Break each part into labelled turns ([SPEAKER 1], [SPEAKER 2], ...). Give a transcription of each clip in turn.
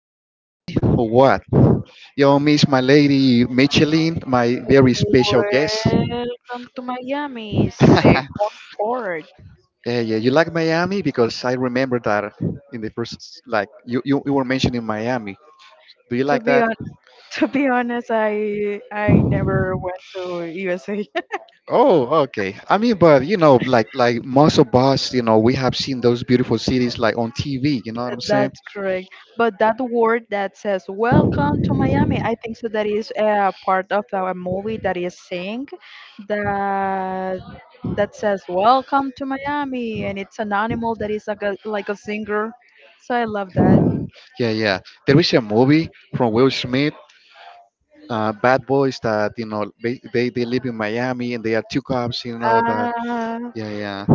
[SPEAKER 1] Y'all miss me or what? Y'all miss my lady Micheline, my very special guest.
[SPEAKER 2] Welcome to Miami's second
[SPEAKER 1] Yeah,
[SPEAKER 2] port.
[SPEAKER 1] yeah. You like Miami because I remember that in the first, like you were mentioning Miami. Do you
[SPEAKER 2] To
[SPEAKER 1] like
[SPEAKER 2] be on,
[SPEAKER 1] that?
[SPEAKER 2] to be honest, I never went to USA.
[SPEAKER 1] Oh, okay. I mean, but like most of us, we have seen those beautiful cities like on TV. You know what I'm saying?
[SPEAKER 2] That's correct. But that word that says "Welcome to Miami," I think so. That is a part of our movie that is saying that that says "Welcome to Miami," and it's an animal that is like a singer. So I love that.
[SPEAKER 1] Yeah, yeah. There is a movie from Will Smith, Bad Boys, that you know they live in Miami, and they are two cops. You know that.
[SPEAKER 2] Uh,
[SPEAKER 1] Yeah, yeah.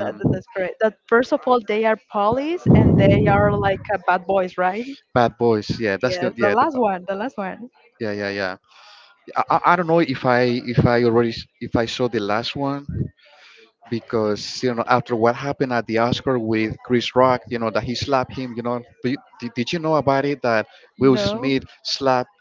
[SPEAKER 2] that's correct. That first of all, they are police and they are like bad boys, right?
[SPEAKER 1] Bad Boys. Yeah. that's
[SPEAKER 2] Yes,
[SPEAKER 1] the
[SPEAKER 2] the
[SPEAKER 1] yeah the
[SPEAKER 2] last
[SPEAKER 1] ba-
[SPEAKER 2] one, the last one.
[SPEAKER 1] Yeah, yeah, yeah. I don't know if I already s- if I saw the last one because after what happened at the Oscar with Chris Rock, you know that he slapped him. Did you know about it that Will
[SPEAKER 2] No.
[SPEAKER 1] Smith slapped?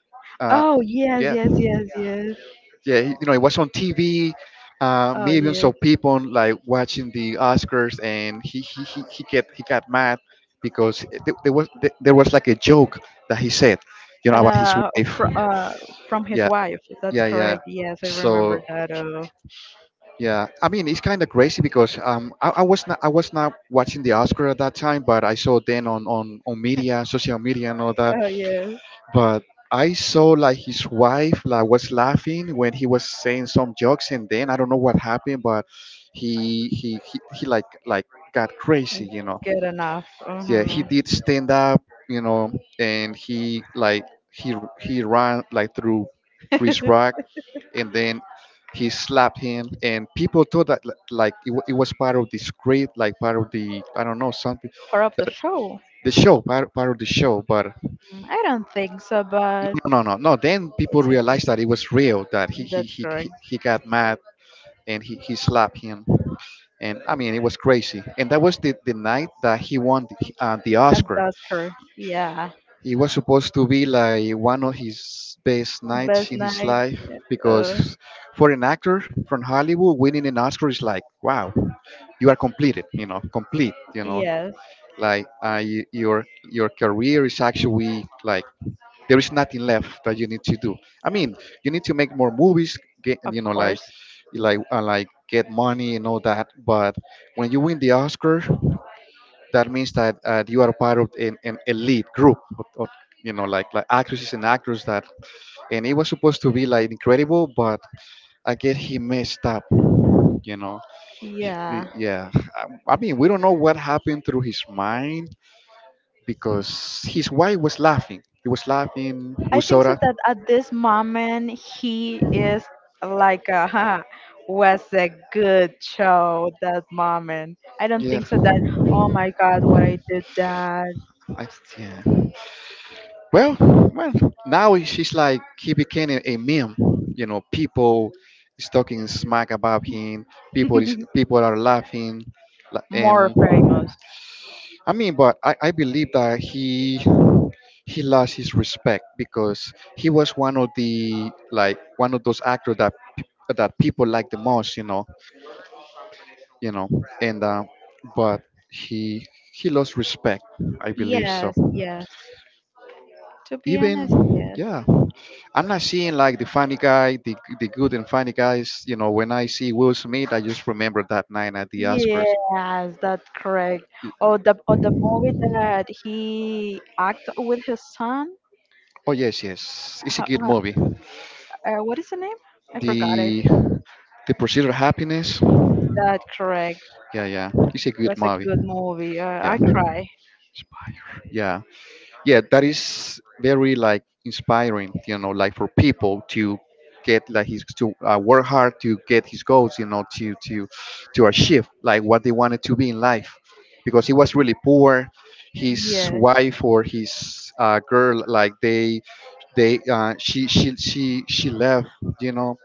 [SPEAKER 1] Uh,
[SPEAKER 2] Oh yes,
[SPEAKER 1] yeah,
[SPEAKER 2] yes, yes, yes.
[SPEAKER 1] yeah, it was on TV. Uh,
[SPEAKER 2] Oh
[SPEAKER 1] millions
[SPEAKER 2] yes.
[SPEAKER 1] of people like watching the Oscars, and he got mad because there was like a joke that he said, about his
[SPEAKER 2] Uh,
[SPEAKER 1] wife.
[SPEAKER 2] fr- uh, from his
[SPEAKER 1] Yeah,
[SPEAKER 2] wife. That's
[SPEAKER 1] yeah, yeah.
[SPEAKER 2] correct. Yes, I remember
[SPEAKER 1] So
[SPEAKER 2] that. Oh,
[SPEAKER 1] yeah, I mean, it's kind of crazy because I was not watching the Oscar at that time, but I saw then on media, social media, and all that,
[SPEAKER 2] oh yes.
[SPEAKER 1] but I saw like his wife like was laughing when he was saying some jokes, and then I don't know what happened, but he got crazy.
[SPEAKER 2] Good enough.
[SPEAKER 1] Yeah, he
[SPEAKER 2] Hmm.
[SPEAKER 1] did stand up, you know, and he ran like through Chris Rock, and then he slapped him, and people thought that like it was part of the script, like part of the, I don't know, something,
[SPEAKER 2] Part of the
[SPEAKER 1] that
[SPEAKER 2] show.
[SPEAKER 1] the show, part of the show, but
[SPEAKER 2] Mm, I don't think so, but
[SPEAKER 1] no, no, no, no. Then people
[SPEAKER 2] it's okay.
[SPEAKER 1] realized that it was real, that he he
[SPEAKER 2] That's
[SPEAKER 1] he
[SPEAKER 2] correct.
[SPEAKER 1] he he got mad and he slapped him. And I mean, it was crazy. And that was the night that he won the
[SPEAKER 2] And
[SPEAKER 1] Oscar.
[SPEAKER 2] that's correct. Yeah.
[SPEAKER 1] It was supposed to be like one of his best nights
[SPEAKER 2] Best
[SPEAKER 1] in his
[SPEAKER 2] night.
[SPEAKER 1] life
[SPEAKER 2] Uh,
[SPEAKER 1] because for an actor from Hollywood, winning an Oscar is like, wow, you are completed, complete,
[SPEAKER 2] yes.
[SPEAKER 1] like, your career is actually like there is nothing left that you need to do. I mean, you need to make more movies, get
[SPEAKER 2] Of
[SPEAKER 1] you know,
[SPEAKER 2] course.
[SPEAKER 1] like get money and all that. But when you win the Oscar, that means that you are part of an elite group of, actresses and actors that. And it was supposed to be like incredible, but I guess he messed up. You know, He-
[SPEAKER 2] Yeah,
[SPEAKER 1] he- yeah. I mean, we don't know what happened through his mind because his wife was laughing. He was laughing
[SPEAKER 2] I
[SPEAKER 1] with
[SPEAKER 2] think so
[SPEAKER 1] Sora.
[SPEAKER 2] that at this moment he is like, "Haha, was a good show that moment. I don't
[SPEAKER 1] Yeah,
[SPEAKER 2] think so that, oh my God, what I did that."
[SPEAKER 1] I yeah. Well, well, now she's like he became a meme. People is talking smack about him. People is people are laughing,
[SPEAKER 2] More
[SPEAKER 1] and
[SPEAKER 2] famous.
[SPEAKER 1] I mean, but I believe that he lost his respect because he was one of the like one of those actors that that people like the most. You know, and but he he lost respect, I believe so.
[SPEAKER 2] Yes, yes. To be honest,
[SPEAKER 1] Even,
[SPEAKER 2] yes.
[SPEAKER 1] yeah, I'm not seeing like the funny guy, the good and funny guys. When I see Will Smith, I just remember that night at the Oscars.
[SPEAKER 2] Yes, that's correct. Oh, the movie that he act with his son.
[SPEAKER 1] Oh yes, yes, it's a
[SPEAKER 2] Ho-
[SPEAKER 1] good
[SPEAKER 2] ho-
[SPEAKER 1] movie.
[SPEAKER 2] what is the name? I forgot it.
[SPEAKER 1] The the Pursuit of Happiness.
[SPEAKER 2] That's correct.
[SPEAKER 1] Yeah, yeah, it's a good
[SPEAKER 2] Was a
[SPEAKER 1] movie.
[SPEAKER 2] good movie.
[SPEAKER 1] Yeah,
[SPEAKER 2] I cry.
[SPEAKER 1] yeah. Yeah, that is very like inspiring, like for people to get like his to work hard to get his goals, to to achieve like what they wanted to be in life because he was really poor. His
[SPEAKER 2] Yeah,
[SPEAKER 1] wife or his girl, like they she left, you know,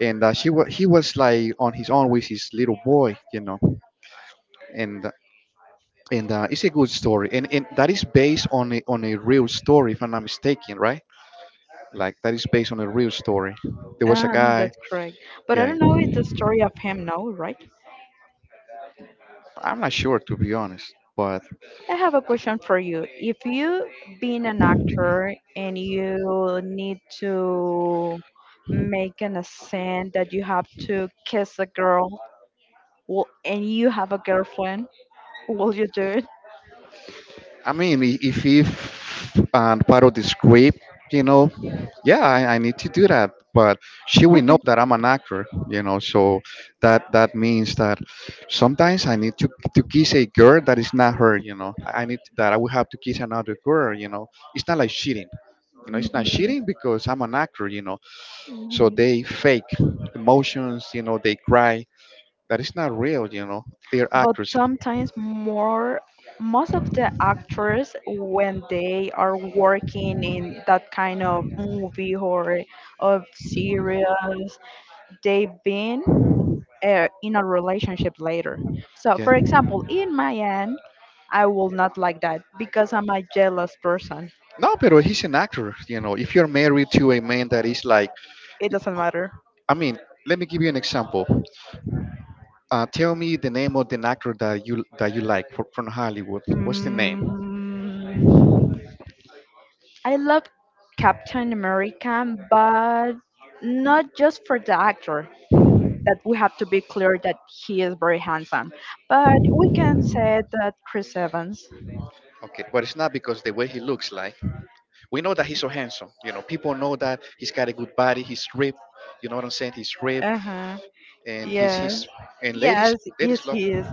[SPEAKER 1] and she was he was like on his own with his little boy you know and and uh, it's a good story, and that is based on on a real story, if I'm not mistaken, right? Like that is based on a real story. There was a guy.
[SPEAKER 2] that's correct. But I
[SPEAKER 1] Yeah,
[SPEAKER 2] don't
[SPEAKER 1] yeah.
[SPEAKER 2] know. It's a story of him now, right?
[SPEAKER 1] I'm not sure, to be honest, but
[SPEAKER 2] I have a question for you. If you being an actor and you need to make an scene that you have to kiss a girl, well, and you have a girlfriend, will you do it?
[SPEAKER 1] I mean, if and part of the script, you know, yeah, I need to do that. But she will know that I'm an actor, you know, so that means that sometimes I need to kiss a girl that is not her. I need that I will have to kiss another girl. It's not like cheating. It's not
[SPEAKER 2] Hmm.
[SPEAKER 1] cheating because I'm an actor. So they fake emotions. They cry. That is not real. They're
[SPEAKER 2] But
[SPEAKER 1] actors.
[SPEAKER 2] sometimes more most of the actors when they are working in that kind of movie or of series they've been in a relationship later, so
[SPEAKER 1] Yeah.
[SPEAKER 2] for example in my end I will not like that because I'm a jealous person.
[SPEAKER 1] No, but he's an actor. If you're married to a man that is like,
[SPEAKER 2] It doesn't matter.
[SPEAKER 1] I mean, let me give you an example. Tell me the name of the actor that you like from Hollywood. What's the name?
[SPEAKER 2] Mm, I love Captain America, but not just for the actor. That we have to be clear that he is very handsome. But we can say that Chris Evans.
[SPEAKER 1] Okay, but it's not because the way he looks like. We know that he's so handsome. People know that he's got a good body. He's ripped. You know what I'm saying? He's ripped,
[SPEAKER 2] Uh huh.
[SPEAKER 1] and
[SPEAKER 2] Yes.
[SPEAKER 1] he's and ladies
[SPEAKER 2] Yes, is
[SPEAKER 1] ladies love.
[SPEAKER 2] he is.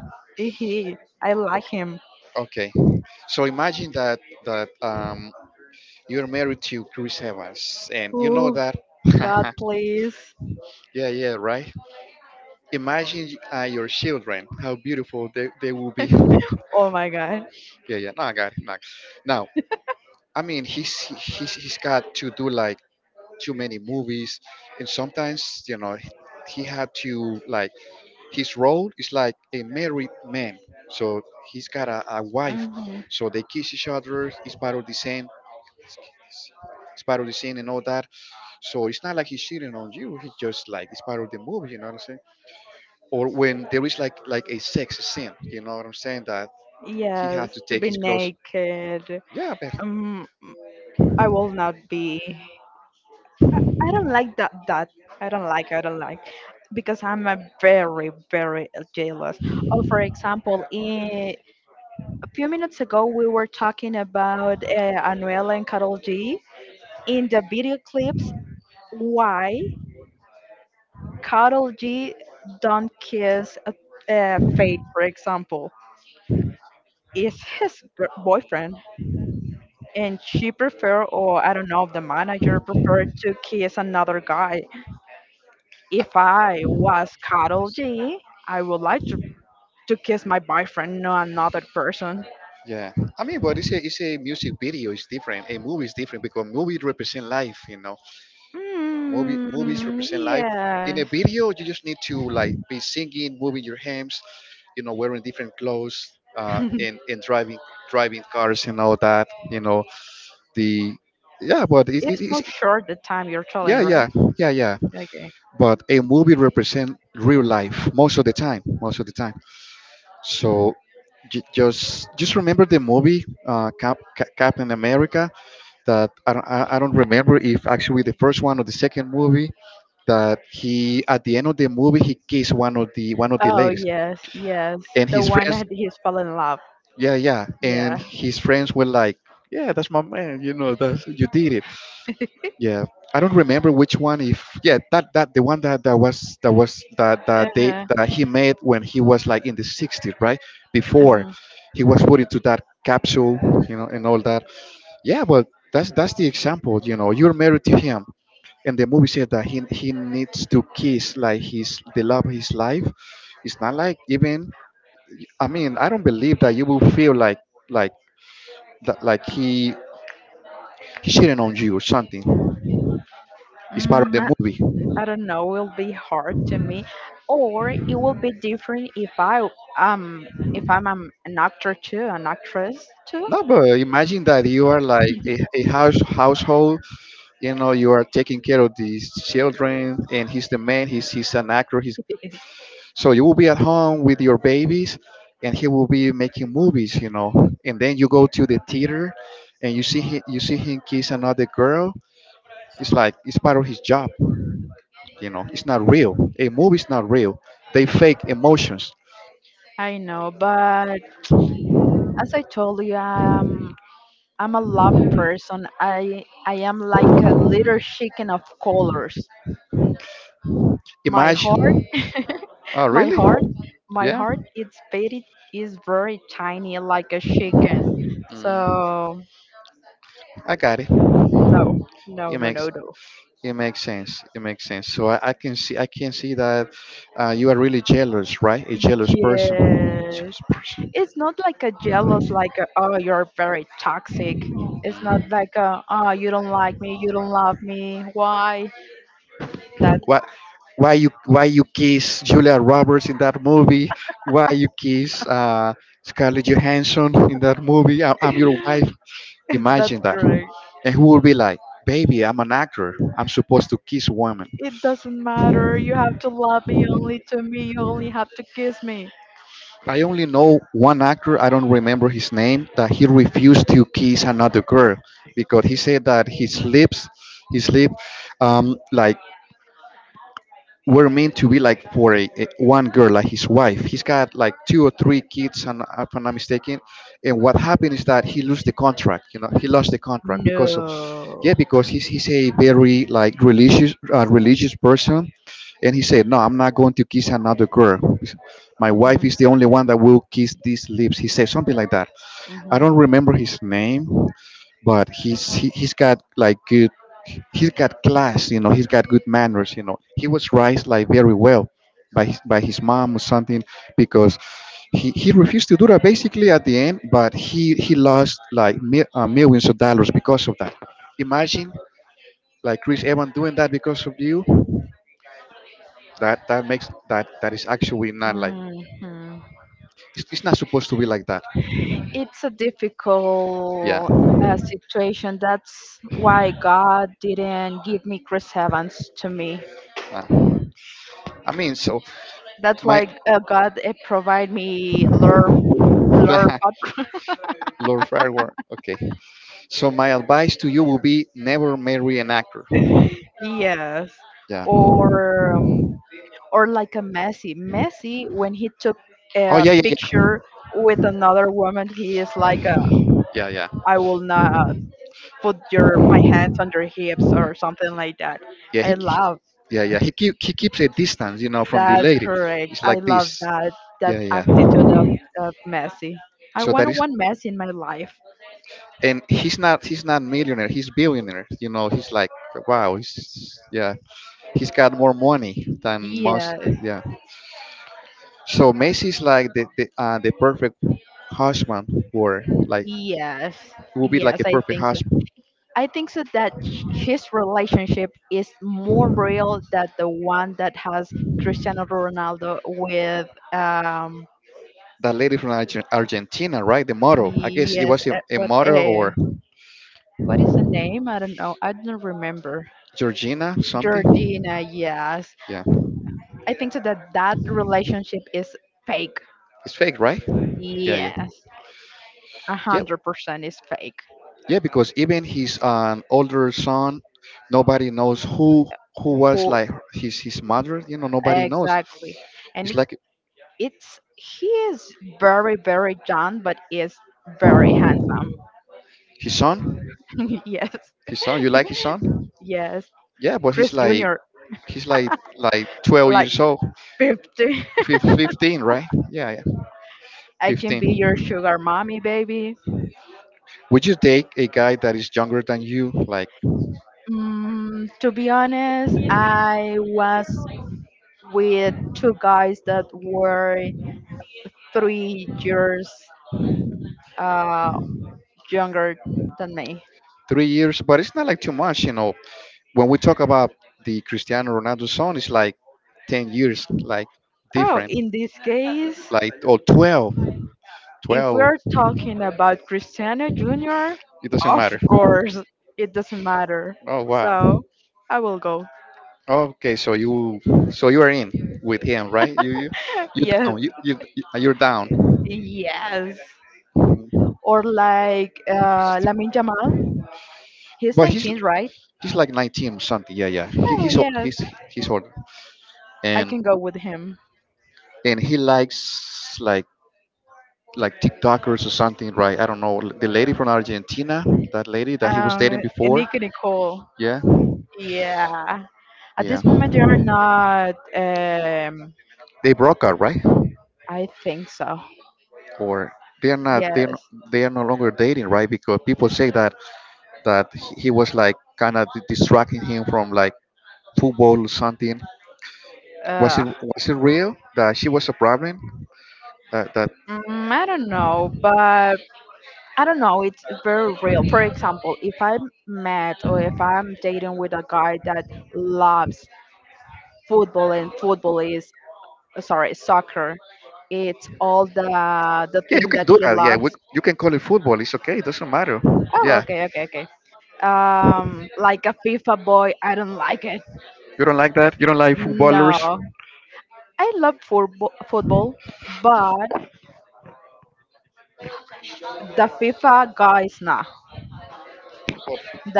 [SPEAKER 2] He. I like him.
[SPEAKER 1] Okay, so imagine that that um you're married to Chris Evans, and you know
[SPEAKER 2] Oof.
[SPEAKER 1] that.
[SPEAKER 2] God, please.
[SPEAKER 1] Yeah, yeah, right. Imagine your children, how beautiful they will be.
[SPEAKER 2] Oh my God.
[SPEAKER 1] Yeah, yeah. No, I got it. No. Now, I mean, he's got to do like too many movies, and sometimes he had to like his role is like a married man. So he's got a wife.
[SPEAKER 2] Hmm.
[SPEAKER 1] So they kiss each other. It's part of the scene. It's part of the scene and all that. So it's not like he's cheating on you. He's just like it's part of the movie. You know what I'm saying? Or when there is like a sex scene. You know what I'm saying? That he had
[SPEAKER 2] Yes,
[SPEAKER 1] to
[SPEAKER 2] to
[SPEAKER 1] take
[SPEAKER 2] be
[SPEAKER 1] his clothes.
[SPEAKER 2] naked.
[SPEAKER 1] Yeah, but
[SPEAKER 2] Um, I will not be. I don't like that. That I don't like. I don't like because I'm a very, very jealous. Oh, for example, in a few minutes ago we were talking about Anuela and Karol G in the video clips why Karol G don't kiss a Faith, for example, is his gr- boyfriend, and she prefer, or I don't know, the manager prefer to kiss another guy. If I was Karol G, I would like to kiss my boyfriend, not another person.
[SPEAKER 1] yeah. I mean, but it's a music video. It's different. A movie is different because movie represent life. Movies
[SPEAKER 2] Mm,
[SPEAKER 1] represent life. In
[SPEAKER 2] yeah.
[SPEAKER 1] a video, you just need to like be singing, moving your hands, wearing different clothes, and driving cars and all that. You know, the Yeah, but it, it,
[SPEAKER 2] It's
[SPEAKER 1] it's
[SPEAKER 2] more short the time you're
[SPEAKER 1] yeah,
[SPEAKER 2] telling, right?
[SPEAKER 1] yeah, yeah, yeah.
[SPEAKER 2] Okay.
[SPEAKER 1] But a movie represent real life most of the time, most of the time. So just remember the movie, Captain America, that I don't remember if actually the first one or the second movie, that he at the end of the movie he kissed one of the
[SPEAKER 2] Oh
[SPEAKER 1] ladies,
[SPEAKER 2] yes, yes.
[SPEAKER 1] and
[SPEAKER 2] The
[SPEAKER 1] his
[SPEAKER 2] one
[SPEAKER 1] friends,
[SPEAKER 2] that he's fell in love.
[SPEAKER 1] yeah, yeah, and
[SPEAKER 2] Yeah.
[SPEAKER 1] his friends were like, yeah, that's my man, that's, you did it, yeah. I don't remember which one. If yeah, that the one that they,
[SPEAKER 2] Uh-huh.
[SPEAKER 1] that he made when he was like in the 60s, right, before
[SPEAKER 2] Uh-huh.
[SPEAKER 1] he was put into that capsule, you know, and all that. Yeah, but that's the example. You're married to him, and the movie said that he needs to kiss like his the love of his life. It's not like, even, I mean, I don't believe that you will feel like like that like he cheating on you or something. It's part
[SPEAKER 2] Mm,
[SPEAKER 1] of the
[SPEAKER 2] I
[SPEAKER 1] movie.
[SPEAKER 2] I don't know. Will be hard to me, or it will be different if I um if I'm an actor too, an actress too.
[SPEAKER 1] No, but imagine that you are like a household. You are taking care of these children, and he's the man. He's an actor. He's So you will be at home with your babies, and he will be making movies, you know. And then you go to the theater, and you see him kiss another girl. It's like it's part of his job. It's not real. A movie's not real. They fake emotions.
[SPEAKER 2] I know, but as I told you. I'm a love person. I am like a little chicken of colors. My heart
[SPEAKER 1] Imagine. Oh,
[SPEAKER 2] My
[SPEAKER 1] really?
[SPEAKER 2] heart,
[SPEAKER 1] Yeah.
[SPEAKER 2] it's very, is very tiny, like a chicken.
[SPEAKER 1] Mm.
[SPEAKER 2] So
[SPEAKER 1] I got it.
[SPEAKER 2] no, no,
[SPEAKER 1] It
[SPEAKER 2] no, no,
[SPEAKER 1] makes
[SPEAKER 2] no.
[SPEAKER 1] it makes sense. It makes sense. So I can see that, you are really jealous, right? A jealous person.
[SPEAKER 2] Yes,
[SPEAKER 1] Jealous person.
[SPEAKER 2] it's not like a jealous, like a, oh, you're very toxic. It's not like a, oh, you don't like me, you don't love me. Why? That
[SPEAKER 1] What? Why you kiss Julia Roberts in that movie? Why you kiss Scarlett Johansson in that movie? I'm your wife.
[SPEAKER 2] that's
[SPEAKER 1] Imagine that.
[SPEAKER 2] correct.
[SPEAKER 1] And who will be like, baby? I'm an actor. I'm supposed to kiss women.
[SPEAKER 2] It doesn't matter. You have to love me only to me. You only have to kiss me.
[SPEAKER 1] I only know one actor, I don't remember his name, that he refused to kiss another girl because he said that his lip, like were meant to be like for a one girl, like his wife. He's got like two or three kids, and if I'm not mistaken. And what happened is that he lost the contract. You know, he lost the contract because of, yeah,
[SPEAKER 2] No.
[SPEAKER 1] because he's a very like religious, religious person, and he said, no, I'm not going to kiss another girl. My wife
[SPEAKER 2] Hmm.
[SPEAKER 1] is the only one that will kiss these lips. He said something like that. I
[SPEAKER 2] Hmm.
[SPEAKER 1] don't remember his name, but he's got like good, he's got class, you know, he's got good manners, you know, he was raised like very well by by his mom or something, because he refused to do that basically at the end, but he lost like millions of dollars because of that. Imagine like Chris Evans doing that because of you. That that makes that that is actually not like,
[SPEAKER 2] Mhm.
[SPEAKER 1] it's not supposed to be like that.
[SPEAKER 2] It's a difficult
[SPEAKER 1] Yeah.
[SPEAKER 2] situation. That's why God didn't give me Chris Evans to me.
[SPEAKER 1] uh, I mean, so
[SPEAKER 2] That's
[SPEAKER 1] my
[SPEAKER 2] why God provide me lure, lure popcorn.
[SPEAKER 1] Lord Farquhar. Okay. So my advice to you will be never marry an actor.
[SPEAKER 2] Yes,
[SPEAKER 1] Yeah.
[SPEAKER 2] or um, or like a Messi. Messi, when he took
[SPEAKER 1] Oh
[SPEAKER 2] a
[SPEAKER 1] yeah, yeah, yeah,
[SPEAKER 2] picture with another woman, he is like a,
[SPEAKER 1] yeah, yeah.
[SPEAKER 2] I will not put your my hands on your hips or something like that.
[SPEAKER 1] Yeah,
[SPEAKER 2] I
[SPEAKER 1] he
[SPEAKER 2] love
[SPEAKER 1] yeah, yeah. He keeps a distance, you know, from the
[SPEAKER 2] that's
[SPEAKER 1] lady.
[SPEAKER 2] correct.
[SPEAKER 1] It's
[SPEAKER 2] I
[SPEAKER 1] like
[SPEAKER 2] love
[SPEAKER 1] this.
[SPEAKER 2] that that
[SPEAKER 1] Yeah, yeah.
[SPEAKER 2] attitude of Messi. I
[SPEAKER 1] So that
[SPEAKER 2] want
[SPEAKER 1] is,
[SPEAKER 2] one Messi in my life.
[SPEAKER 1] and he's not millionaire. He's billionaire. You know, he's like, wow. He's, yeah. He's got more money than most.
[SPEAKER 2] Yes,
[SPEAKER 1] Yeah. So Macy's like the perfect husband, or like,
[SPEAKER 2] yes,
[SPEAKER 1] it will be like
[SPEAKER 2] yes.
[SPEAKER 1] a
[SPEAKER 2] I
[SPEAKER 1] perfect
[SPEAKER 2] think so.
[SPEAKER 1] husband.
[SPEAKER 2] I think so that sh- his relationship is more real than the one that has Cristiano Ronaldo with.
[SPEAKER 1] That lady from Argentina, right? The model. I guess it
[SPEAKER 2] Yes,
[SPEAKER 1] was
[SPEAKER 2] uh,
[SPEAKER 1] a
[SPEAKER 2] what
[SPEAKER 1] model,
[SPEAKER 2] uh,
[SPEAKER 1] or
[SPEAKER 2] what is the name? I don't know. I don't remember.
[SPEAKER 1] Georgina something.
[SPEAKER 2] Georgina. Yes,
[SPEAKER 1] Yeah,
[SPEAKER 2] I think so that that relationship is fake.
[SPEAKER 1] it's fake, right? Yeah, yeah,
[SPEAKER 2] Yes. a
[SPEAKER 1] yep,
[SPEAKER 2] hundred percent is fake.
[SPEAKER 1] yeah. Because even his, older son, nobody knows who was
[SPEAKER 2] Who
[SPEAKER 1] like his mother. You know, nobody knows.
[SPEAKER 2] exactly? And
[SPEAKER 1] It's
[SPEAKER 2] it,
[SPEAKER 1] like
[SPEAKER 2] it's he is very very young, but is very handsome.
[SPEAKER 1] his son,
[SPEAKER 2] Yes,
[SPEAKER 1] his son. You like his son?
[SPEAKER 2] yes.
[SPEAKER 1] Yeah, but
[SPEAKER 2] Chris Junior,
[SPEAKER 1] he's like 12
[SPEAKER 2] like
[SPEAKER 1] years old.
[SPEAKER 2] 50.
[SPEAKER 1] 15, right? Yeah, yeah,
[SPEAKER 2] I can
[SPEAKER 1] 15.
[SPEAKER 2] be your sugar mommy, baby.
[SPEAKER 1] Would you date a guy that is younger than you, like?
[SPEAKER 2] Mm, to be honest, I was with two guys that were 3 years uh, younger than me.
[SPEAKER 1] 3 years, but it's not like too much, you know. When we talk about the Cristiano Ronaldo son, it's like 10 years, like,
[SPEAKER 2] Oh,
[SPEAKER 1] different,
[SPEAKER 2] in this case,
[SPEAKER 1] like, or 12,
[SPEAKER 2] if we
[SPEAKER 1] twelve.
[SPEAKER 2] are talking about Cristiano Jr.,
[SPEAKER 1] It doesn't
[SPEAKER 2] of
[SPEAKER 1] matter.
[SPEAKER 2] course, it doesn't matter.
[SPEAKER 1] Oh,
[SPEAKER 2] So
[SPEAKER 1] wow.
[SPEAKER 2] I will go.
[SPEAKER 1] Okay, so so you are in with him, right? You
[SPEAKER 2] Yes,
[SPEAKER 1] down, you're down.
[SPEAKER 2] yes. Or like Lamin Jamal, he's
[SPEAKER 1] But
[SPEAKER 2] 19, right?
[SPEAKER 1] he's like 19 or something. Yeah, yeah.
[SPEAKER 2] Oh, yes,
[SPEAKER 1] He's older.
[SPEAKER 2] I
[SPEAKER 1] And,
[SPEAKER 2] can go with him.
[SPEAKER 1] and he likes like, TikTokers or something, right? I don't know. The lady from Argentina, that lady that he was dating
[SPEAKER 2] And
[SPEAKER 1] before.
[SPEAKER 2] Nicky Nicole.
[SPEAKER 1] Yeah,
[SPEAKER 2] Yeah. At
[SPEAKER 1] yeah.
[SPEAKER 2] this moment, they are not.
[SPEAKER 1] They broke up, right?
[SPEAKER 2] I think so.
[SPEAKER 1] Or they are not. They are,
[SPEAKER 2] Yes.
[SPEAKER 1] they are no longer dating, right? Because people say that he was like kind of distracting him from like football or something. Was
[SPEAKER 2] Uh,
[SPEAKER 1] it was it real that she was a problem? That that
[SPEAKER 2] I don't know, but I don't know, it's very real. For example, if I'm mad or if I'm dating with a guy that loves football and football is sorry, soccer, it's all the
[SPEAKER 1] Yeah, you
[SPEAKER 2] thing
[SPEAKER 1] can
[SPEAKER 2] that
[SPEAKER 1] do
[SPEAKER 2] he
[SPEAKER 1] that. Yeah,
[SPEAKER 2] loves.
[SPEAKER 1] you can call it football. It's okay. It doesn't matter.
[SPEAKER 2] Oh,
[SPEAKER 1] Yeah,
[SPEAKER 2] okay, okay, okay. Like a FIFA boy, I don't like it.
[SPEAKER 1] you don't like that. You don't like
[SPEAKER 2] No,
[SPEAKER 1] footballers.
[SPEAKER 2] I love football, but the FIFA guys, nah.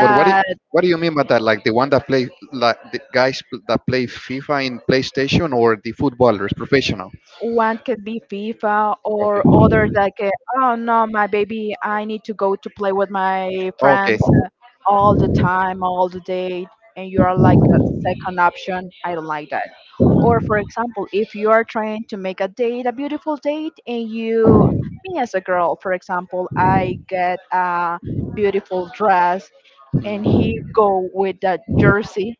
[SPEAKER 1] But what do, what do you mean by that? Like the one that play, like the guys that play FIFA in PlayStation, or the footballers, professional?
[SPEAKER 2] one could be FIFA or
[SPEAKER 1] Okay.
[SPEAKER 2] other like, oh no, my baby, I need to go to play with my
[SPEAKER 1] Okay.
[SPEAKER 2] friends all the time, all the day. And you are like a second option. I don't like that. Or for example, if you are trying to make a date, a beautiful date, me as a girl, for example, I get a beautiful dress and
[SPEAKER 1] Mm.
[SPEAKER 2] he go with that jersey.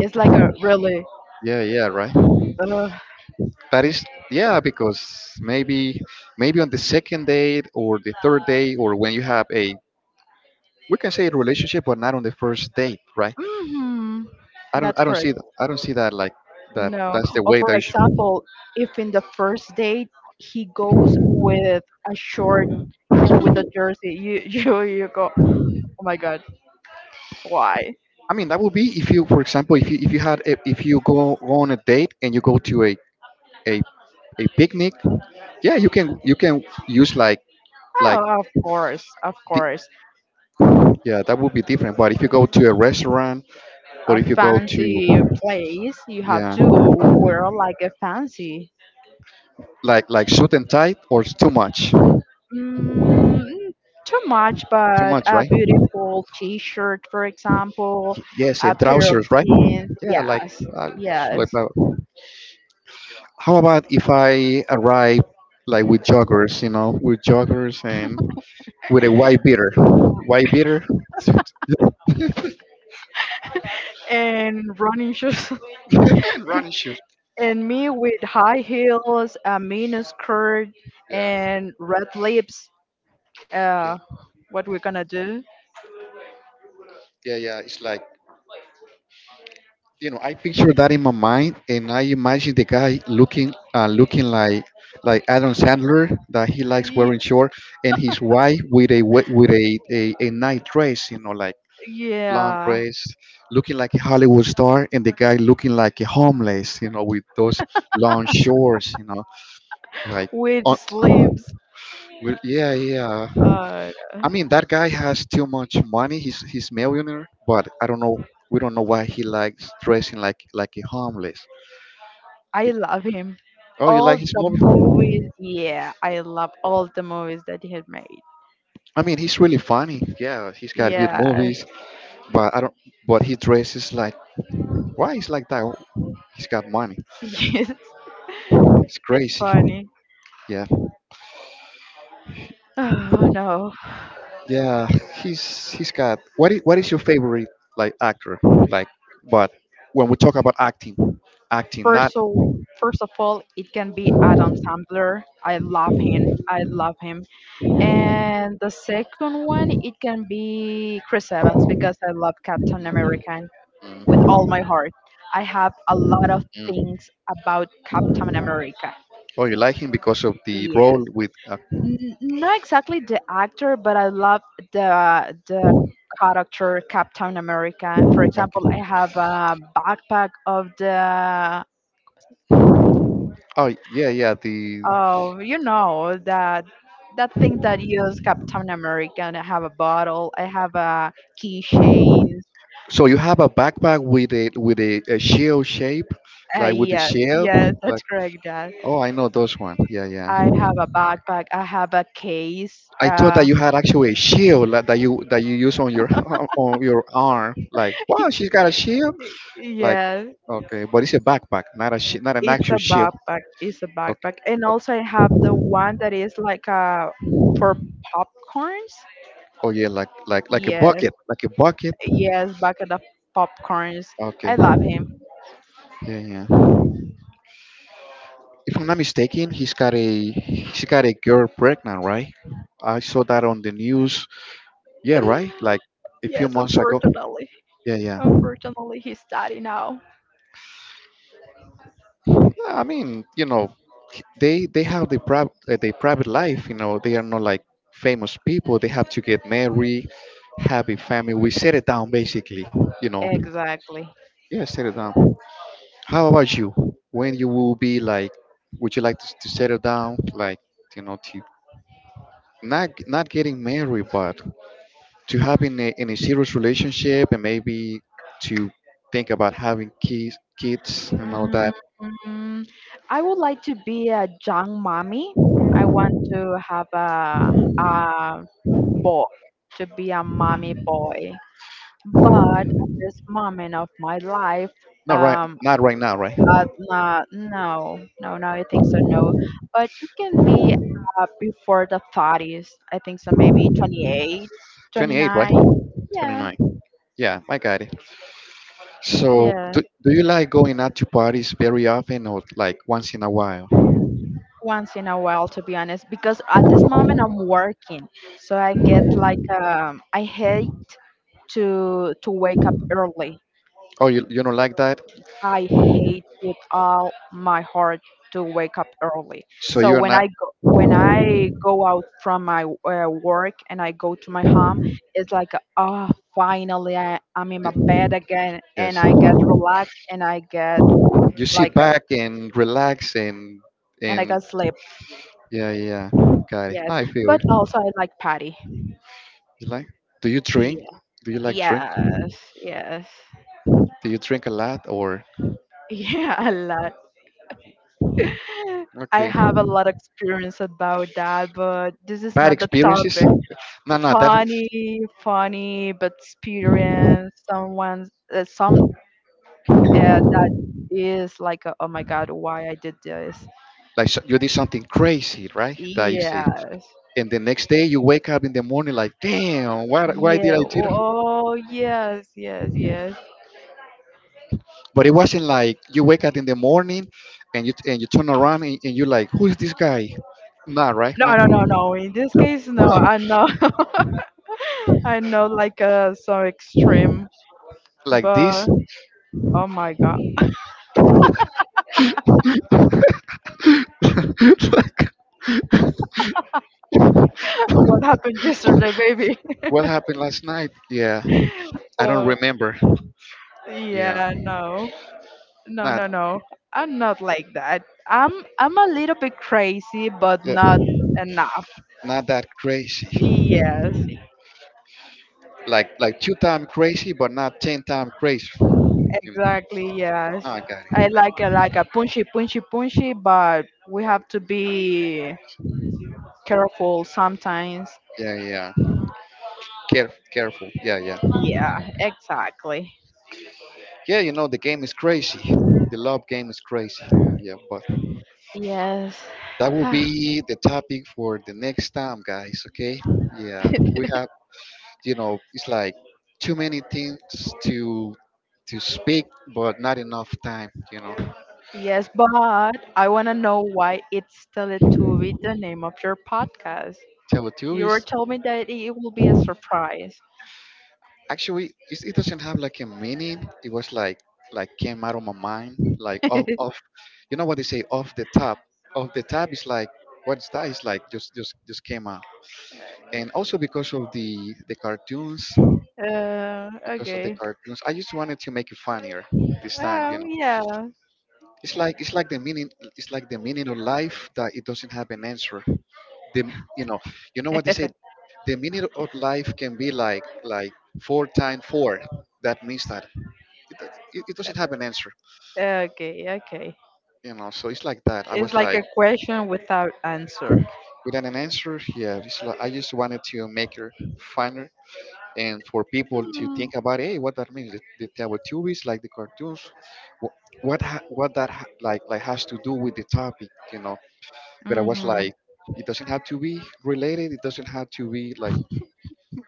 [SPEAKER 2] It's like a really,
[SPEAKER 1] Yeah, yeah, right.
[SPEAKER 2] uh,
[SPEAKER 1] That is, yeah, because maybe on the second date or the third day, or when you have a, we can say a relationship, but not on the first date, right?
[SPEAKER 2] mm-hmm, that's
[SPEAKER 1] I don't
[SPEAKER 2] correct.
[SPEAKER 1] see that. I don't see that like that.
[SPEAKER 2] No.
[SPEAKER 1] That's the
[SPEAKER 2] Or
[SPEAKER 1] way
[SPEAKER 2] for
[SPEAKER 1] that. You should,
[SPEAKER 2] example, if in the first date he goes with a short and with a jersey, you you go, oh my god, why?
[SPEAKER 1] I mean, that would be if you, for example, if you had a, if you go on a date and you go to a a picnic. Yeah, you can use like, like
[SPEAKER 2] Oh, of course, of course.
[SPEAKER 1] yeah, that would be different. But if you go to a restaurant, or
[SPEAKER 2] A
[SPEAKER 1] if you go
[SPEAKER 2] fancy
[SPEAKER 1] to,
[SPEAKER 2] place, you have
[SPEAKER 1] yeah,
[SPEAKER 2] to wear like a fancy.
[SPEAKER 1] like, suit and tight, or it's too much,
[SPEAKER 2] Mm, too much,
[SPEAKER 1] too
[SPEAKER 2] but
[SPEAKER 1] much,
[SPEAKER 2] a
[SPEAKER 1] right?
[SPEAKER 2] beautiful T-shirt, for example,
[SPEAKER 1] Yes,
[SPEAKER 2] a
[SPEAKER 1] and
[SPEAKER 2] pair of
[SPEAKER 1] trousers, right?
[SPEAKER 2] jeans.
[SPEAKER 1] Yeah, like,
[SPEAKER 2] Yes,
[SPEAKER 1] uh, like
[SPEAKER 2] yes,
[SPEAKER 1] that. How about if I arrive like with joggers, you know, with joggers, and with a white beater, white beater,
[SPEAKER 2] and running shoes.
[SPEAKER 1] and running shoes.
[SPEAKER 2] And me with high heels, a miniskirt,
[SPEAKER 1] Yeah,
[SPEAKER 2] and red lips.
[SPEAKER 1] yeah,
[SPEAKER 2] Uh, what we're gonna do?
[SPEAKER 1] yeah, yeah, it's like, you know, I picture that in my mind, and I imagine the guy looking like Adam Sandler, that he likes
[SPEAKER 2] Y-
[SPEAKER 1] wearing short, and his wife with a we- with a night dress, you know, like long
[SPEAKER 2] yeah,
[SPEAKER 1] dress, looking like a Hollywood star, and the guy looking like a homeless, you know, with those long shorts, you know, like
[SPEAKER 2] with
[SPEAKER 1] on,
[SPEAKER 2] sleeves.
[SPEAKER 1] yeah, yeah.
[SPEAKER 2] Uh,
[SPEAKER 1] I mean, that guy has too much money. He's millionaire, but I don't know. We don't know why he likes dressing like a homeless.
[SPEAKER 2] I love him.
[SPEAKER 1] Oh, you
[SPEAKER 2] All
[SPEAKER 1] like his
[SPEAKER 2] the
[SPEAKER 1] movie?
[SPEAKER 2] movies. Yeah, I love all the movies that he had made.
[SPEAKER 1] I mean, he's really funny. Yeah, he's got good
[SPEAKER 2] Yeah,
[SPEAKER 1] movies, but I don't. But he dresses like, why he's like that? He's got money.
[SPEAKER 2] yes,
[SPEAKER 1] It's
[SPEAKER 2] it's
[SPEAKER 1] crazy.
[SPEAKER 2] funny.
[SPEAKER 1] Yeah,
[SPEAKER 2] Oh no.
[SPEAKER 1] yeah. He's got. What is your favorite, like, actor? Like, but when we talk about acting, acting,
[SPEAKER 2] First
[SPEAKER 1] not.
[SPEAKER 2] of first of all, it can be Adam Sandler. I love him. I love him. And the second one, it can be Chris Evans because I love Captain America with all my heart. I have a lot of
[SPEAKER 1] Mm.
[SPEAKER 2] things about Captain America.
[SPEAKER 1] Oh, you like him because of the role
[SPEAKER 2] Yes.
[SPEAKER 1] with.
[SPEAKER 2] N- not exactly the actor, but I love the character Captain America. For example, I
[SPEAKER 1] Okay.
[SPEAKER 2] have a backpack of the
[SPEAKER 1] Oh yeah, yeah. The,
[SPEAKER 2] of you know that that thing that you use Captain America. And I have a bottle. I have a keychain.
[SPEAKER 1] so you have a backpack with a shell shape, like with a
[SPEAKER 2] Yeah,
[SPEAKER 1] shell.
[SPEAKER 2] yeah,
[SPEAKER 1] Like,
[SPEAKER 2] that's correct, Dad.
[SPEAKER 1] oh, I know those one. Yeah, yeah.
[SPEAKER 2] I have a backpack. I have a case.
[SPEAKER 1] I thought that you had actually a shield, like, that you use on your on your arm. Like, wow, she's got a shield. Like,
[SPEAKER 2] Yeah,
[SPEAKER 1] okay, but it's a backpack, not an actual shield.
[SPEAKER 2] It's a
[SPEAKER 1] Okay.
[SPEAKER 2] backpack, and also I have the one that is like a for popcorns.
[SPEAKER 1] Oh yeah, like a
[SPEAKER 2] Yes,
[SPEAKER 1] bucket, like a bucket.
[SPEAKER 2] yes, bucket of popcorns.
[SPEAKER 1] Okay.
[SPEAKER 2] I love him.
[SPEAKER 1] Yeah, yeah. If I'm not mistaken, he's got a she got a girl pregnant, right? I saw that on the news. Yeah, right. Like, a few
[SPEAKER 2] Yes,
[SPEAKER 1] months ago. Yeah, yeah.
[SPEAKER 2] unfortunately, he's daddy now.
[SPEAKER 1] Yeah, I mean, you know, they have their private life. You know, they are not like famous people. They have to get married, have a family, we set it down basically, you know,
[SPEAKER 2] Exactly.
[SPEAKER 1] yeah, set it down. How about you, when you will be like, would you like to settle down, like, you know, to not getting married, but to having in a serious relationship, and maybe to think about having kids, kids, and all that.
[SPEAKER 2] Mm, I would like to be a young mommy. I want to have a boy, to be a mommy boy. But at this moment of my life, um,
[SPEAKER 1] Not right now, right?
[SPEAKER 2] nah, no, no, no, I think so, no. But it can be before the 30s. I think so, maybe 28, twenty
[SPEAKER 1] 28, right?
[SPEAKER 2] nine. Yeah,
[SPEAKER 1] 29. Yeah, I got it. So,
[SPEAKER 2] yeah.
[SPEAKER 1] do you like going out to parties very often, or like once in a while?
[SPEAKER 2] Once in a while to be honest because at this moment I'm working, so I get like I hate to wake up early.
[SPEAKER 1] Oh, you don't like that?
[SPEAKER 2] I hate with all my heart to wake up early.
[SPEAKER 1] So
[SPEAKER 2] So
[SPEAKER 1] you're not,
[SPEAKER 2] when I go out from my work and I go to my home, it's like oh finally I'm in my
[SPEAKER 1] y-
[SPEAKER 2] bed again and
[SPEAKER 1] yes.
[SPEAKER 2] I get relaxed and I get
[SPEAKER 1] You
[SPEAKER 2] like
[SPEAKER 1] sit back and relax,
[SPEAKER 2] and I
[SPEAKER 1] and
[SPEAKER 2] get sleep.
[SPEAKER 1] yeah, yeah, got it.
[SPEAKER 2] Yes,
[SPEAKER 1] I feel
[SPEAKER 2] but
[SPEAKER 1] you.
[SPEAKER 2] also I like patty.
[SPEAKER 1] You like? Do you drink? Do you like drink?
[SPEAKER 2] Yes, yes.
[SPEAKER 1] Do you drink a lot, or?
[SPEAKER 2] Yeah, a lot. I
[SPEAKER 1] Okay.
[SPEAKER 2] have a lot of experience about that, but this is
[SPEAKER 1] Bad
[SPEAKER 2] not the
[SPEAKER 1] experiences?
[SPEAKER 2] topic.
[SPEAKER 1] No, no, that,
[SPEAKER 2] Funny, funny, but experience someone some that is like, a, oh my God, why I did this?
[SPEAKER 1] like, you did something crazy, right? That you see.
[SPEAKER 2] Yes.
[SPEAKER 1] And the next day, you wake up in the morning like, damn, why did
[SPEAKER 2] Yeah.
[SPEAKER 1] I do that?
[SPEAKER 2] Oh, yes, yes, yes.
[SPEAKER 1] But it wasn't like you wake up in the morning, and you turn around, and you're like, who is this guy? Nah, right?
[SPEAKER 2] No,
[SPEAKER 1] Nah.
[SPEAKER 2] no, no, no. In this case, no.
[SPEAKER 1] Huh.
[SPEAKER 2] I know. I know like some extreme,
[SPEAKER 1] Like
[SPEAKER 2] but
[SPEAKER 1] this?
[SPEAKER 2] oh my god.
[SPEAKER 1] Like,
[SPEAKER 2] What happened yesterday, baby.
[SPEAKER 1] what happened last night? Yeah, I don't
[SPEAKER 2] Or
[SPEAKER 1] remember. Yeah,
[SPEAKER 2] yeah, no. No, no,
[SPEAKER 1] not,
[SPEAKER 2] no. I'm not like that. I'm a little bit crazy, but
[SPEAKER 1] yeah,
[SPEAKER 2] not enough.
[SPEAKER 1] not that crazy.
[SPEAKER 2] Yes,
[SPEAKER 1] Like two time crazy, but not ten time crazy. You know,
[SPEAKER 2] exactly, yes.
[SPEAKER 1] no, I got
[SPEAKER 2] I
[SPEAKER 1] it. I,
[SPEAKER 2] like a punchy punchy punchy, but we have to be careful sometimes.
[SPEAKER 1] yeah, yeah, yeah. Careful. Yeah, yeah.
[SPEAKER 2] Yeah, exactly.
[SPEAKER 1] Yeah, you know, the game is crazy. The love game is crazy. Yeah, but
[SPEAKER 2] Yes.
[SPEAKER 1] that will be the topic for the next time, guys. Okay? Yeah, we have, you know, it's like too many things to to speak, but not enough time. You know,
[SPEAKER 2] Yes, but I want to know why it's Teletubby the name of your podcast. You were
[SPEAKER 1] Teletubbies.
[SPEAKER 2] told me that it will be a surprise.
[SPEAKER 1] Actually, it doesn't have like a meaning. It was came out of my mind, like off, off. You know what they say, off the top. Off the top is like, what's that? It's like just came out. And also because of the cartoons, because of the
[SPEAKER 2] Okay.
[SPEAKER 1] cartoons. I just wanted to make it funnier this time, you
[SPEAKER 2] Oh,
[SPEAKER 1] know.
[SPEAKER 2] yeah.
[SPEAKER 1] It's like it's like the meaning it's like the meaning of life, that it doesn't have an answer. The you know, you know what they say. The meaning of life can be like, four times four. That means that it doesn't have an answer,
[SPEAKER 2] Okay, okay.
[SPEAKER 1] you know. So it's like that. I
[SPEAKER 2] It's
[SPEAKER 1] was
[SPEAKER 2] like
[SPEAKER 1] like,
[SPEAKER 2] a question without answer.
[SPEAKER 1] without an answer. Yeah, it's like, I just wanted to make it funner, and for people to think about, hey, what that means, the Teletubbies, like the cartoons, wh- what ha- what that ha- like has to do with the topic, you know. But I was
[SPEAKER 2] Mm-hmm.
[SPEAKER 1] like, it doesn't have to be related, it doesn't have to be like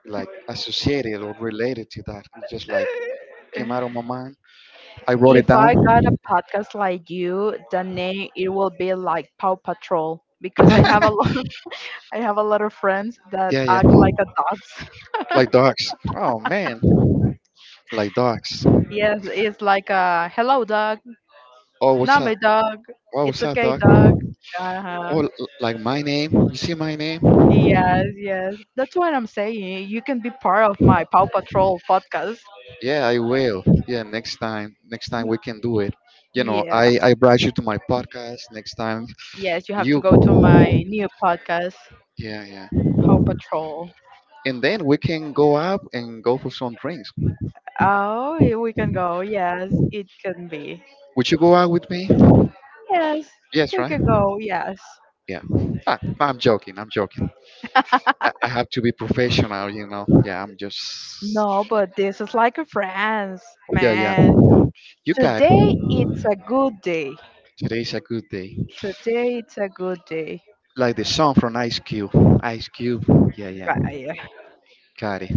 [SPEAKER 1] like associated or related to that, it just like came out of my mind, I wrote it
[SPEAKER 2] If
[SPEAKER 1] down.
[SPEAKER 2] I got a podcast like you, the name it will be like Paw Patrol because I have a lot I have a lot of friends that
[SPEAKER 1] Yeah, yeah,
[SPEAKER 2] act like a dogs.
[SPEAKER 1] like dogs. Oh man, like dogs.
[SPEAKER 2] Yes, it's like a hello dog,
[SPEAKER 1] oh what's up
[SPEAKER 2] name dog,
[SPEAKER 1] oh,
[SPEAKER 2] it's
[SPEAKER 1] what's up,
[SPEAKER 2] okay
[SPEAKER 1] dog?
[SPEAKER 2] dog.
[SPEAKER 1] Oh,
[SPEAKER 2] Uh-huh.
[SPEAKER 1] l- like my name, you see my name.
[SPEAKER 2] Yes, yes. That's what I'm saying. You can be part of my Paw Patrol podcast.
[SPEAKER 1] Yeah, I will. Yeah, next time we can do it. You know,
[SPEAKER 2] Yeah.
[SPEAKER 1] I brought you to my podcast. Next time,
[SPEAKER 2] Yes, you have to
[SPEAKER 1] you.
[SPEAKER 2] go to my new podcast,
[SPEAKER 1] Yeah, yeah.
[SPEAKER 2] Paw Patrol.
[SPEAKER 1] And then we can go out and go for some drinks.
[SPEAKER 2] Oh, yeah, we can go. Yes, it can be.
[SPEAKER 1] Would you go out with me?
[SPEAKER 2] Yes,
[SPEAKER 1] Yes,
[SPEAKER 2] we
[SPEAKER 1] right?
[SPEAKER 2] can go. Yes.
[SPEAKER 1] Yeah. Ah, I'm joking. I'm joking. I have to be professional, you know. Yeah, I'm just.
[SPEAKER 2] No, but this is like a France,
[SPEAKER 1] Yeah, yeah.
[SPEAKER 2] man.
[SPEAKER 1] You got it.
[SPEAKER 2] Today it's a good day.
[SPEAKER 1] Today's a good day.
[SPEAKER 2] Today it's a good day.
[SPEAKER 1] Like the song from Ice Cube. Ice Cube. Yeah, yeah.
[SPEAKER 2] Right.
[SPEAKER 1] Got it.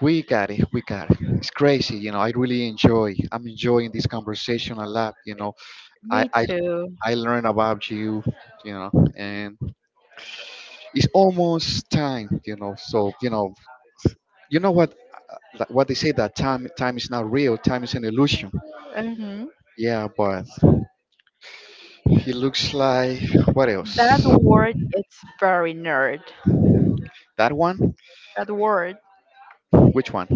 [SPEAKER 1] We got it. We got it. It's crazy, you know. I really enjoy. I'm enjoying this conversation a lot. You know, I
[SPEAKER 2] Me
[SPEAKER 1] I
[SPEAKER 2] too.
[SPEAKER 1] I learn about you. You know, and it's almost time. You know, so you know what, like, what they say, that time is not real. Time is an illusion.
[SPEAKER 2] Hmm.
[SPEAKER 1] Yeah, but he looks like, what
[SPEAKER 2] That
[SPEAKER 1] else?
[SPEAKER 2] word, it's very nerd.
[SPEAKER 1] That one?
[SPEAKER 2] That word,
[SPEAKER 1] Which one?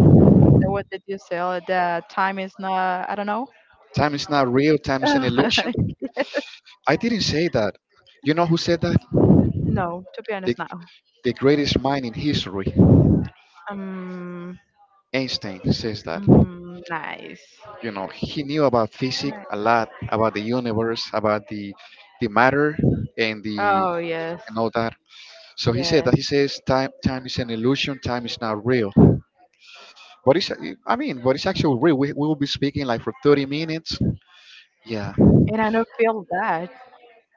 [SPEAKER 2] the word that you say, that time is not, I don't know.
[SPEAKER 1] Time is not real. Time is an illusion. I didn't say that. You know who said that?
[SPEAKER 2] No, to be
[SPEAKER 1] The
[SPEAKER 2] honest, no.
[SPEAKER 1] the greatest mind in history.
[SPEAKER 2] Um,
[SPEAKER 1] Einstein says that, you
[SPEAKER 2] nice.
[SPEAKER 1] know, he knew about physics
[SPEAKER 2] Nice.
[SPEAKER 1] a lot, about the universe, about the matter, and the
[SPEAKER 2] Oh, yes,
[SPEAKER 1] and all that. So he said that
[SPEAKER 2] yes.
[SPEAKER 1] he says time is an illusion, time is not real. But it's, I mean, but it's actually real. We will be speaking like for 30 minutes. Yeah,
[SPEAKER 2] And I don't feel that.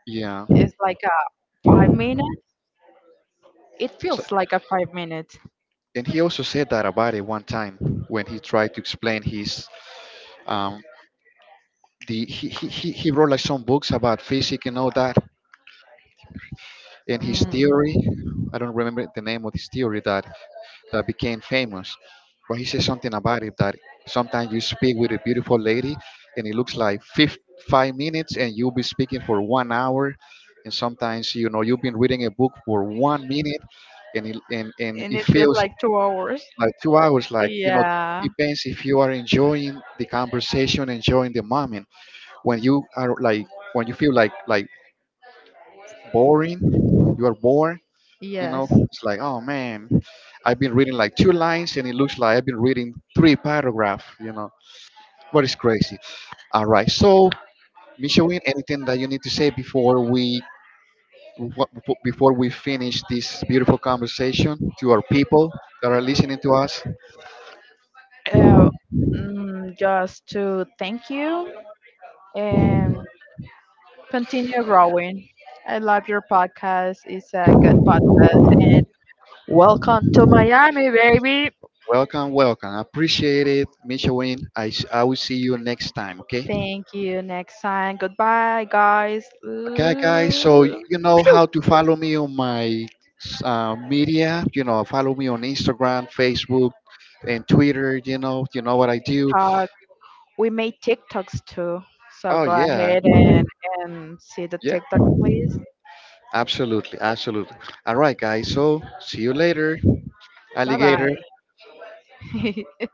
[SPEAKER 1] yeah.
[SPEAKER 2] It's like a 5 minute. It
[SPEAKER 1] So,
[SPEAKER 2] feels like a 5 minute.
[SPEAKER 1] and he also said that about it one time when he tried to explain his, um the he wrote like some books about physics and all that, and his
[SPEAKER 2] Mm.
[SPEAKER 1] theory, I don't remember the name of his theory that became famous, but he said something about it, that sometimes you speak with a beautiful lady and it looks like, 5 minutes, and you'll be speaking for 1 hour. And sometimes, you know, you've been reading a book for 1 minute, and
[SPEAKER 2] And
[SPEAKER 1] it
[SPEAKER 2] it feels
[SPEAKER 1] feels
[SPEAKER 2] like 2 hours.
[SPEAKER 1] like 2 hours, like, you know.
[SPEAKER 2] Yeah,
[SPEAKER 1] Depends if you are enjoying the conversation, enjoying the moment. when you are like when you feel like, boring, you are bored. You know,
[SPEAKER 2] yes.
[SPEAKER 1] it's like, oh man, I've been reading like two lines and it looks like I've been reading three paragraphs, you know, but it's crazy. All right. So, Michelle, anything that you need to say wha- before we finish this beautiful conversation, to our people that are listening to us?
[SPEAKER 2] Uh, mm, just to thank you and continue growing. I love your podcast. It's a good podcast. And welcome to Miami, baby.
[SPEAKER 1] Welcome, welcome. I appreciate it, Michelle. I will see you next time, okay?
[SPEAKER 2] Thank you. Next time. Goodbye, guys.
[SPEAKER 1] Okay, guys. So
[SPEAKER 2] Ooh,
[SPEAKER 1] you know
[SPEAKER 2] phew,
[SPEAKER 1] how to follow me on my, media. You know, follow me on Instagram, Facebook, and Twitter. You know what I do.
[SPEAKER 2] talk. We made TikToks too. So
[SPEAKER 1] Oh
[SPEAKER 2] go
[SPEAKER 1] yeah,
[SPEAKER 2] ahead and see the
[SPEAKER 1] yeah.
[SPEAKER 2] TikTok, please.
[SPEAKER 1] Absolutely, absolutely. All right, guys. So see you later,
[SPEAKER 2] Bye
[SPEAKER 1] alligator.
[SPEAKER 2] bye.